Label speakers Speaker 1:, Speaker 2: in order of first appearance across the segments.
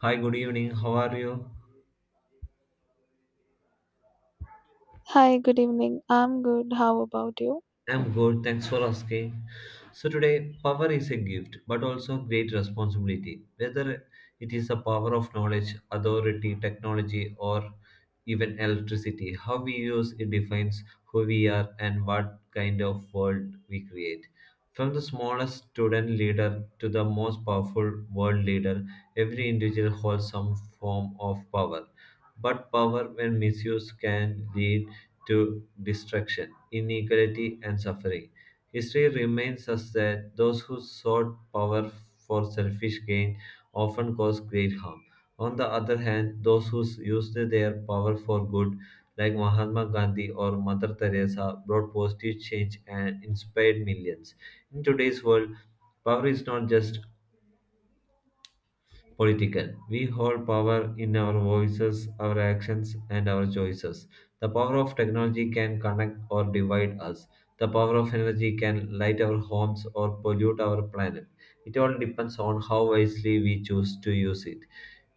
Speaker 1: Hi, good evening. How are you?
Speaker 2: Hi, good evening. I'm good. How about you?
Speaker 1: I'm good. Thanks for asking. So, today, power is a gift, but also great responsibility. Whether it is the power of knowledge, authority, technology, or even electricity, how we use it defines who we are and what kind of world we create. From the smallest student leader to the most powerful world leader, every individual holds some form of power. But power, when misused, can lead to destruction, inequality, and suffering. History reminds us that those who sought power for selfish gain often caused great harm. On the other hand, those who used their power for good, like Mahatma Gandhi or Mother Teresa, brought positive change and inspired millions. In today's world, power is not just political. We hold power in our voices, our actions, and our choices. The power of technology can connect or divide us. The power of energy can light our homes or pollute our planet. It all depends on how wisely we choose to use it.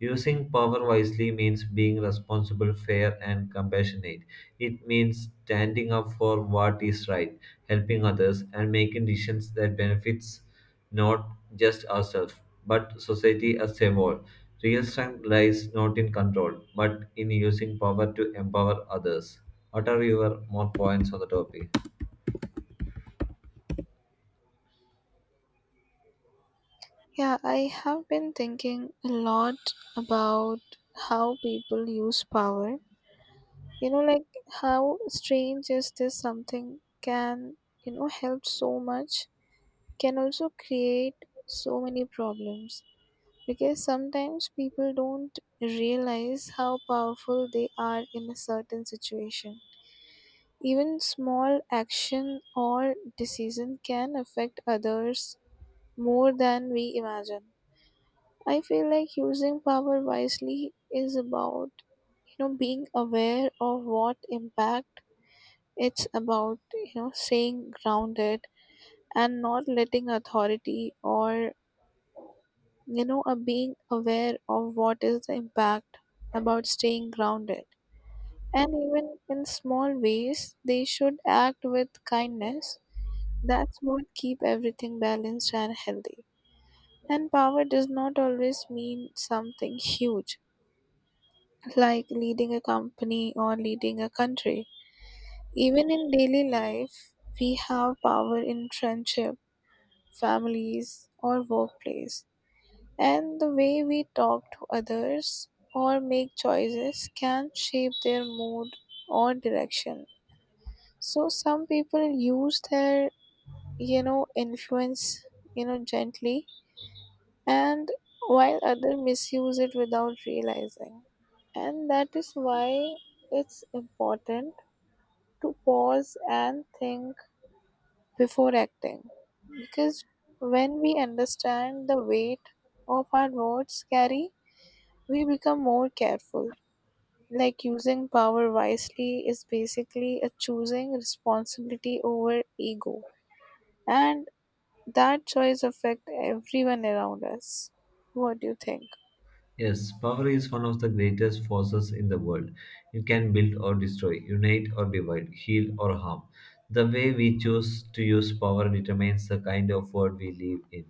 Speaker 1: Using power wisely means being responsible, fair, and compassionate. It means standing up for what is right, helping others, and making decisions that benefits not just ourselves, but society as a whole. Real strength lies not in control, but in using power to empower others. What are your more points on the topic?
Speaker 2: Yeah, I have been thinking a lot about how people use power. Like how strange is this something can, help so much, can also create so many problems. Because sometimes people don't realize how powerful they are in a certain situation. Even small action or decision can affect others more than we imagine. I feel like using power wisely is about, being aware of what impact it's about, staying grounded and not letting authority or, being aware of what is the impact about staying grounded. And even in small ways, they should act with kindness. That's what keep everything balanced and healthy. And power does not always mean something huge, like leading a company or leading a country. Even in daily life, we have power in friendship, families, or workplace. And the way we talk to others or make choices can shape their mood or direction. So some people use their, influence, gently and while others misuse it without realizing. And that is why it's important to pause and think before acting because when we understand the weight of our words carry, we become more careful. Like using power wisely is basically a choosing responsibility over ego, and that choice affects everyone around us. What do you think?
Speaker 1: Yes, power is one of the greatest forces in the world. It can build or destroy, unite or divide, heal or harm. The way we choose to use power determines the kind of world we live in.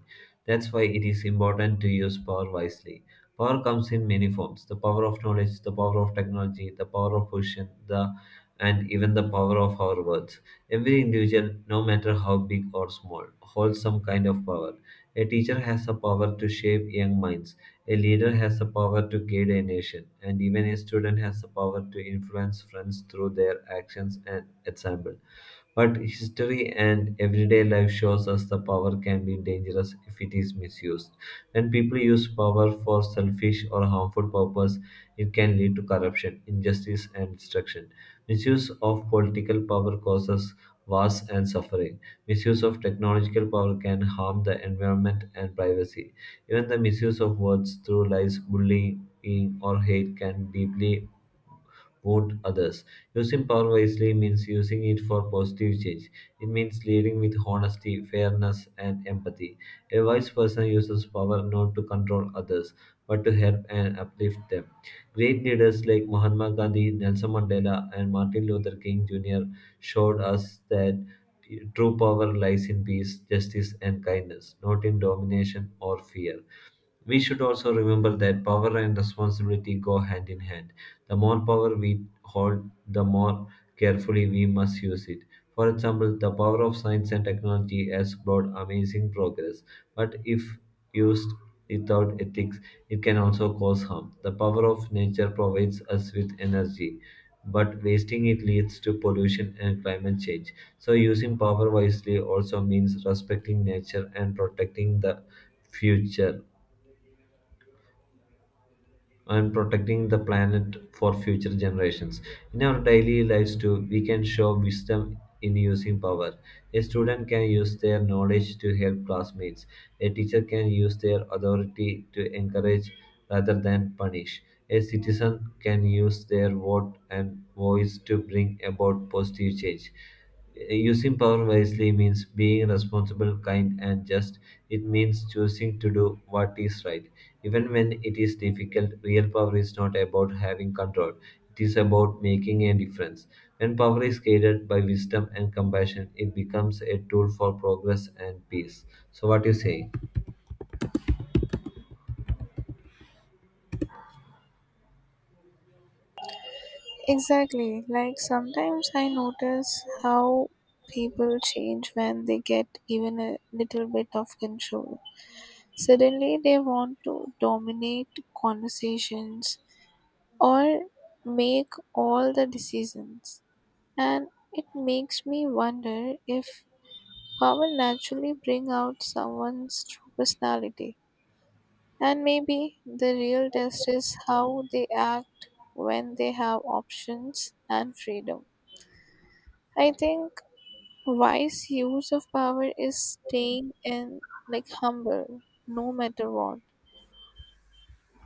Speaker 1: That's why it is important to use power wisely. Power comes in many forms: the power of knowledge, the power of technology, the power of position, the and even the power of our words. Every individual, no matter how big or small, holds some kind of power. A teacher has the power to shape young minds, a leader has the power to guide a nation, and even a student has the power to influence friends through their actions and example. But history and everyday life shows us the power can be dangerous if it is misused. When people use power for selfish or harmful purpose, it can lead to corruption, injustice, and destruction. Misuse of political power causes wars and suffering. Misuse of technological power can harm the environment and privacy. Even the misuse of words through lies, bullying, or hate can deeply wound others. Using power wisely means using it for positive change. It means leading with honesty, fairness, and empathy. A wise person uses power not to control others, but to help and uplift them. Great leaders like Mahatma Gandhi, Nelson Mandela, and Martin Luther King Jr. showed us that true power lies in peace, justice, and kindness, not in domination or fear. We should also remember that power and responsibility go hand in hand. The more power we hold, the more carefully we must use it. For example, the power of science and technology has brought amazing progress, but if used without ethics, it can also cause harm. The power of nature provides us with energy, but wasting it leads to pollution and climate change. So, using power wisely also means respecting nature and protecting the future and protecting the planet for future generations. In our daily lives too, we can show wisdom in using power. A student can use their knowledge to help classmates. A teacher can use their authority to encourage rather than punish. A citizen can use their vote and voice to bring about positive change. Using power wisely means being responsible, kind, and just. It means choosing to do what is right. Even when it is difficult, real power is not about having control. It is about making a difference. When power is guided by wisdom and compassion, it becomes a tool for progress and peace. So, what do you say?
Speaker 2: Exactly. Like sometimes I notice how people change when they get even a little bit of control. Suddenly they want to dominate conversations or make all the decisions. And it makes me wonder if power naturally bring out someone's true personality. And maybe the real test is how they act when they have options and freedom. I think wise use of power is staying in like humble no matter what.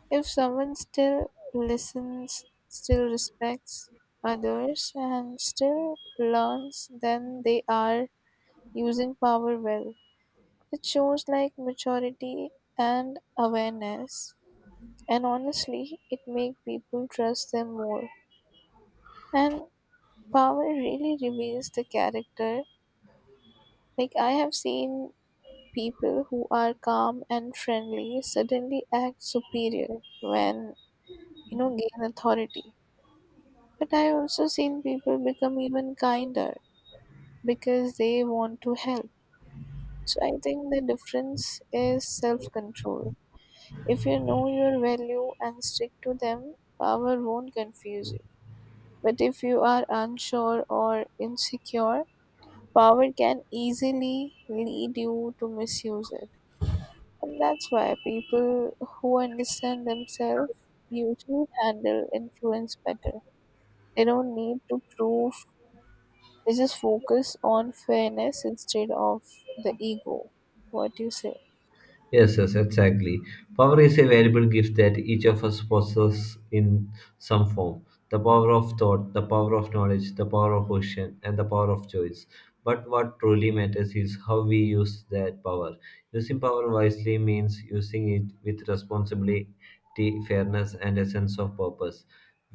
Speaker 2: If someone still listens, still respects others and still learns, then they are using power well. It shows like maturity and awareness and honestly it makes people trust them more. And power really reveals the character. Like I have seen people who are calm and friendly suddenly act superior when gain authority but I also seen people become even kinder because they want to help so I think the difference is self control if you know your value and stick to them power won't confuse you but if you are unsure or insecure power can easily lead you to misuse it. And that's why people who understand themselves usually handle influence better. They don't need to prove, they just focus on fairness instead of the ego. What do you say?
Speaker 1: Yes, yes, exactly. Power is a valuable gift that each of us possesses in some form. The power of thought, the power of knowledge, the power of question, and the power of choice. But what truly matters is how we use that power. Using power wisely means using it with responsibility, fairness, and a sense of purpose.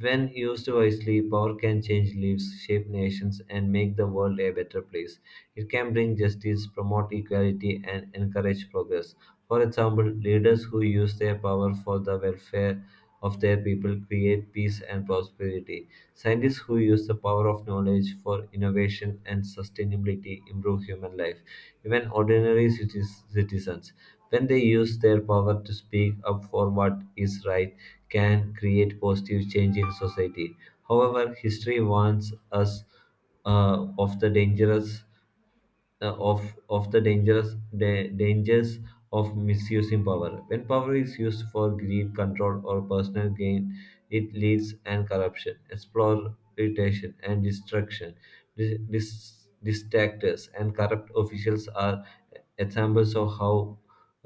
Speaker 1: When used wisely, power can change lives, shape nations, and make the world a better place. It can bring justice, promote equality, and encourage progress. For example, leaders who use their power for the welfare of their people create peace and prosperity. Scientists who use the power of knowledge for innovation and sustainability improve human life. Even ordinary citizens, when they use their power to speak up for what is right, can create positive change in society. However, history warns us of the dangerous uh, of of the dangerous dangers of misusing power. When power is used for greed, control, or personal gain, it leads and corruption, exploitation, and destruction. Distractors and corrupt officials are examples of how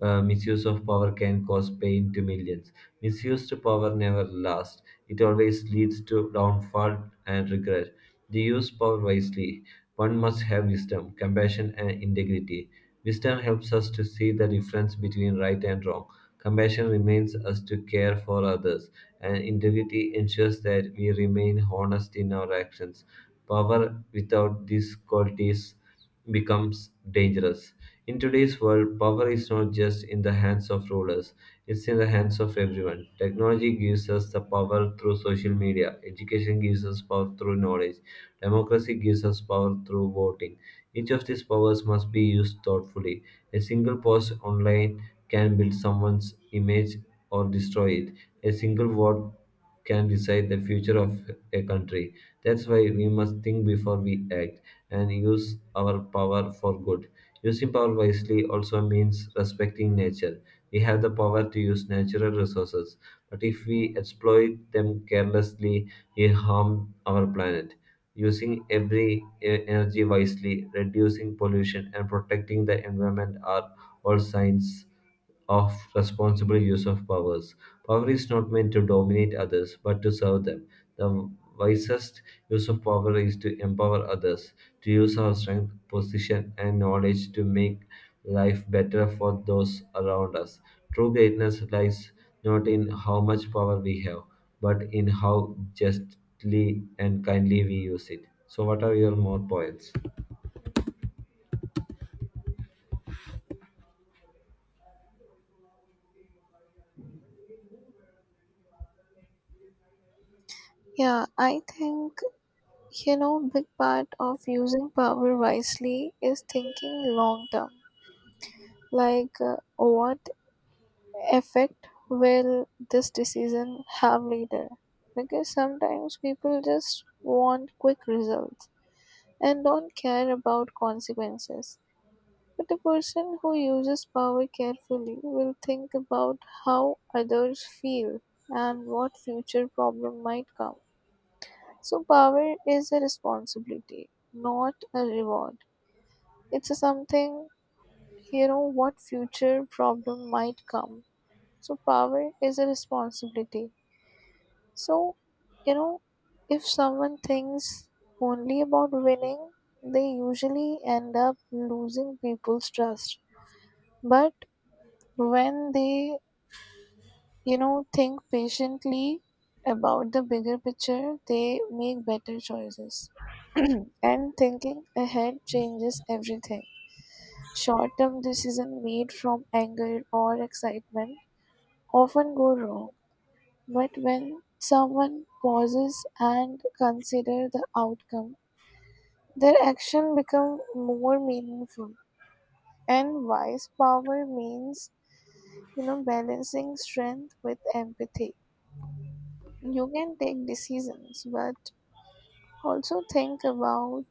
Speaker 1: misuse of power can cause pain to millions. Misused power never lasts, it always leads to downfall and regret. They use power wisely. One must have wisdom, compassion, and integrity. Wisdom helps us to see the difference between right and wrong. Compassion remains us to care for others, and integrity ensures that we remain honest in our actions. Power without these qualities becomes dangerous. In today's world, power is not just in the hands of rulers, it's in the hands of everyone. Technology gives us the power through social media, education gives us power through knowledge, democracy gives us power through voting. Each of these powers must be used thoughtfully. A single post online can build someone's image or destroy it. A single word can decide the future of a country. That's why we must think before we act and use our power for good. Using power wisely also means respecting nature. We have the power to use natural resources, but if we exploit them carelessly, we harm our planet. Using every energy wisely, reducing pollution, and protecting the environment are all signs of responsible use of powers. Power is not meant to dominate others, but to serve them. The wisest use of power is to empower others, to use our strength, position, and knowledge to make life better for those around us. True greatness lies not in how much power we have, but in how justly and kindly we use it. So, what are your more points?
Speaker 2: Yeah, I think, big part of using power wisely is thinking long term. Like, what effect will this decision have later? Because sometimes people just want quick results and don't care about consequences. But a person who uses power carefully will think about how others feel and what future problem might come. So power is a responsibility, not a reward. It's a something you know what future problem might come. So power is a responsibility, So, you know, if someone thinks only about winning, they usually end up losing people's trust. But when they, think patiently about the bigger picture, they make better choices. And thinking ahead changes everything. Short term decisions made from anger or excitement often go wrong. But when someone pauses and considers the outcome, their action become more meaningful. And wise power means, balancing strength with empathy. You can take decisions, but also think about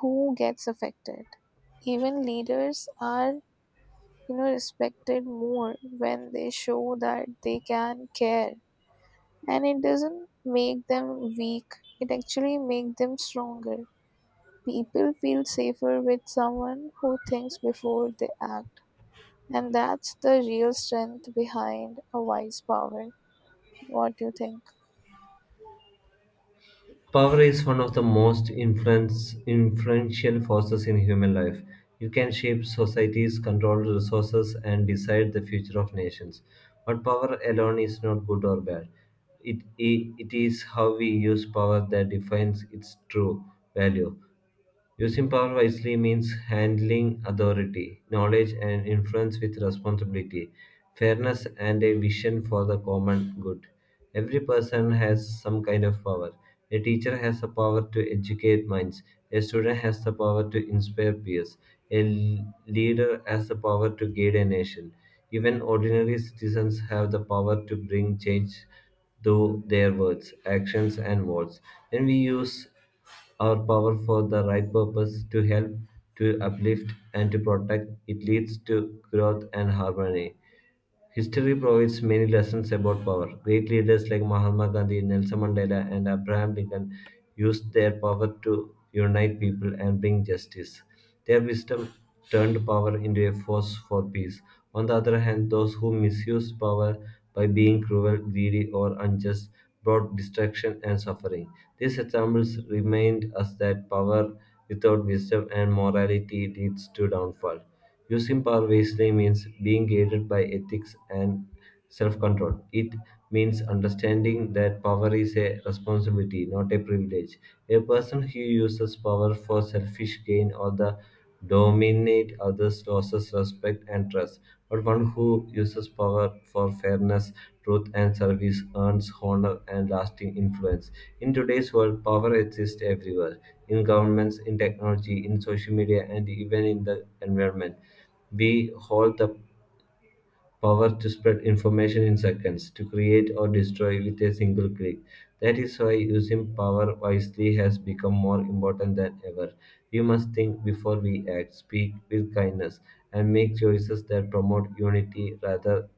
Speaker 2: who gets affected. Even leaders are, respected more when they show that they can care. And it doesn't make them weak, it actually makes them stronger. People feel safer with someone who thinks before they act. And that's the real strength behind a wise power. What do you think?
Speaker 1: Power is one of the most influential forces in human life. It can shape societies, control resources, and decide the future of nations. But power alone is not good or bad. It is how we use power that defines its true value. Using power wisely means handling authority, knowledge, and influence with responsibility, fairness, and a vision for the common good. Every person has some kind of power. A teacher has the power to educate minds, a student has the power to inspire peers, a leader has the power to guide a nation. Even ordinary citizens have the power to bring change through their words, actions, and words. When we use our power for the right purpose, to help, to uplift, and to protect, it leads to growth and harmony. History provides many lessons about power. Great leaders like Mahatma Gandhi, Nelson Mandela, and Abraham Lincoln used their power to unite people and bring justice. Their wisdom turned power into a force for peace. On the other hand, those who misused power by being cruel, greedy, or unjust brought destruction and suffering. These examples remind us that power without wisdom and morality leads to downfall. Using power wisely means being guided by ethics and self control. It means understanding that power is a responsibility, not a privilege. A person who uses power for selfish gain or the dominate others loses respect and trust. But one who uses power for fairness, truth, and service earns honor and lasting influence. In today's world, power exists everywhere in governments, in technology, in social media, and even in the environment. We hold the power to spread information in seconds, to create or destroy with a single click. That is why using power wisely has become more important than ever. We must think before we act, speak with kindness, and make choices that promote unity rather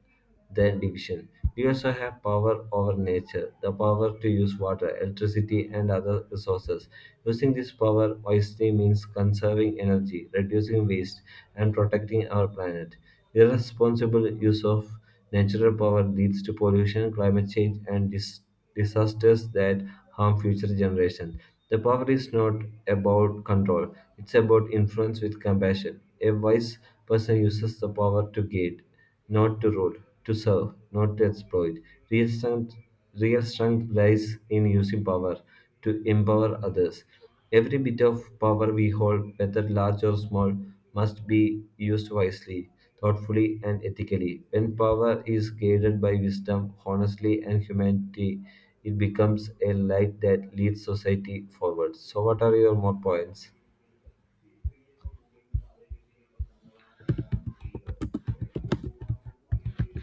Speaker 1: than division. We also have power over nature, the power to use water, electricity, and other resources. Using this power wisely means conserving energy, reducing waste, and protecting our planet. Irresponsible use of natural power leads to pollution, climate change, and disasters that harm future generations. The power is not about control, it's about influence with compassion. A wise person uses the power to guide not to rule, to serve, not to exploit. Real strength, Real strength lies in using power to empower others. Every bit of power we hold, whether large or small, must be used wisely, thoughtfully, and ethically. When power is guided by wisdom, honesty, and humanity, it becomes a light that leads society forward. So, what are your more points?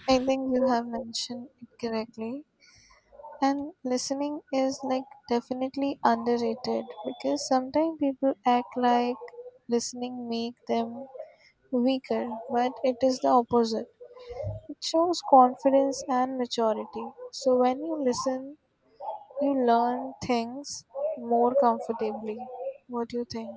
Speaker 2: I think you have mentioned it correctly. And listening is like definitely underrated because sometimes people act like listening make them weaker, but it is the opposite. It shows confidence and maturity. So when you listen, you learn things more comfortably. What do you think?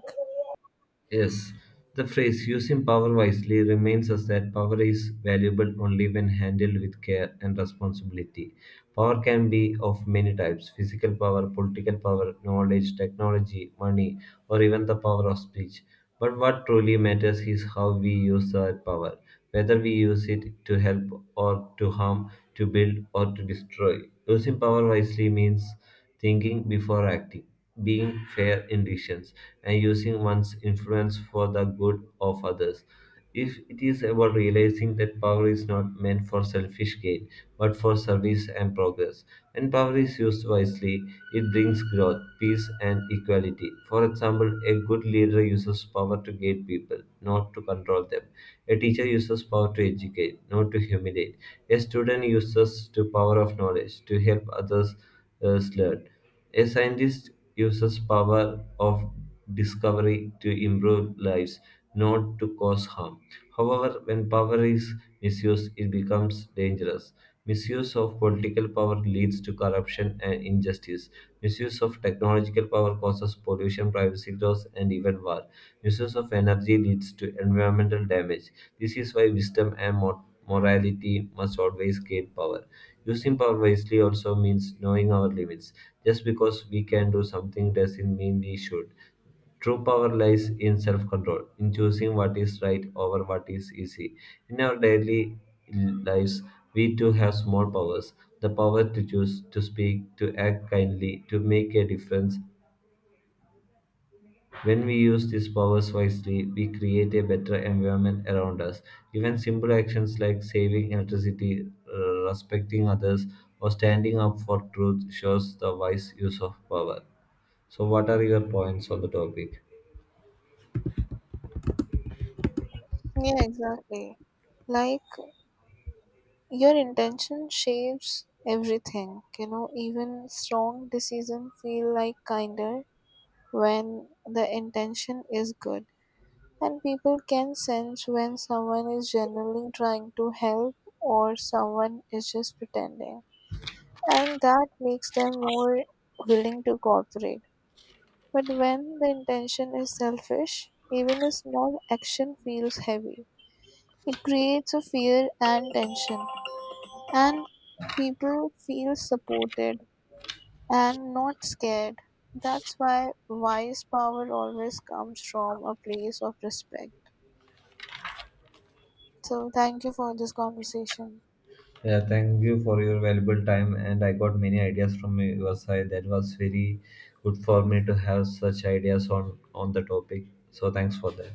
Speaker 1: Yes, the phrase using power wisely reminds us that power is valuable only when handled with care and responsibility. Power can be of many types: physical power, political power, knowledge, technology, money, or even the power of speech. But what truly matters is how we use that power, whether we use it to help or to harm, to build or to destroy. Using power wisely means thinking before acting, being fair in decisions, and using one's influence for the good of others. If it is about realizing that power is not meant for selfish gain, but for service and progress. When power is used wisely, it brings growth, peace, and equality. For example, a good leader uses power to guide people, not to control them. A teacher uses power to educate, not to humiliate. A student uses the power of knowledge to help others learn. A scientist uses power of discovery to improve lives, not to cause harm. However, when power is misused, it becomes dangerous. Misuse of political power leads to corruption and injustice. Misuse of technological power causes pollution, privacy loss, and even war. Misuse of energy leads to environmental damage. This is why wisdom and morality must always gain power. Using power wisely also means knowing our limits. Just because we can do something doesn't mean we should. True power lies in self control, in choosing what is right over what is easy. In our daily lives, we too have small powers: the power to choose, to speak, to act kindly, to make a difference. When we use these powers wisely, we create a better environment around us. Even simple actions like saving electricity, respecting others, or standing up for truth shows the wise use of power. So, what are your points on the topic?
Speaker 2: Yeah, exactly. Like your intention shapes everything. Even strong decisions feel like kinder when the intention is good. And people can sense when someone is genuinely trying to help or someone is just pretending. And that makes them more willing to cooperate. But when the intention is selfish, even a small action feels heavy. It creates a fear and tension. And people feel supported and not scared. That's why wise power always comes from a place of respect. So, thank you for this conversation.
Speaker 1: Yeah, thank you for your valuable time, and I got many ideas from your side. That was very good for me to have such ideas on the topic. So, thanks for that.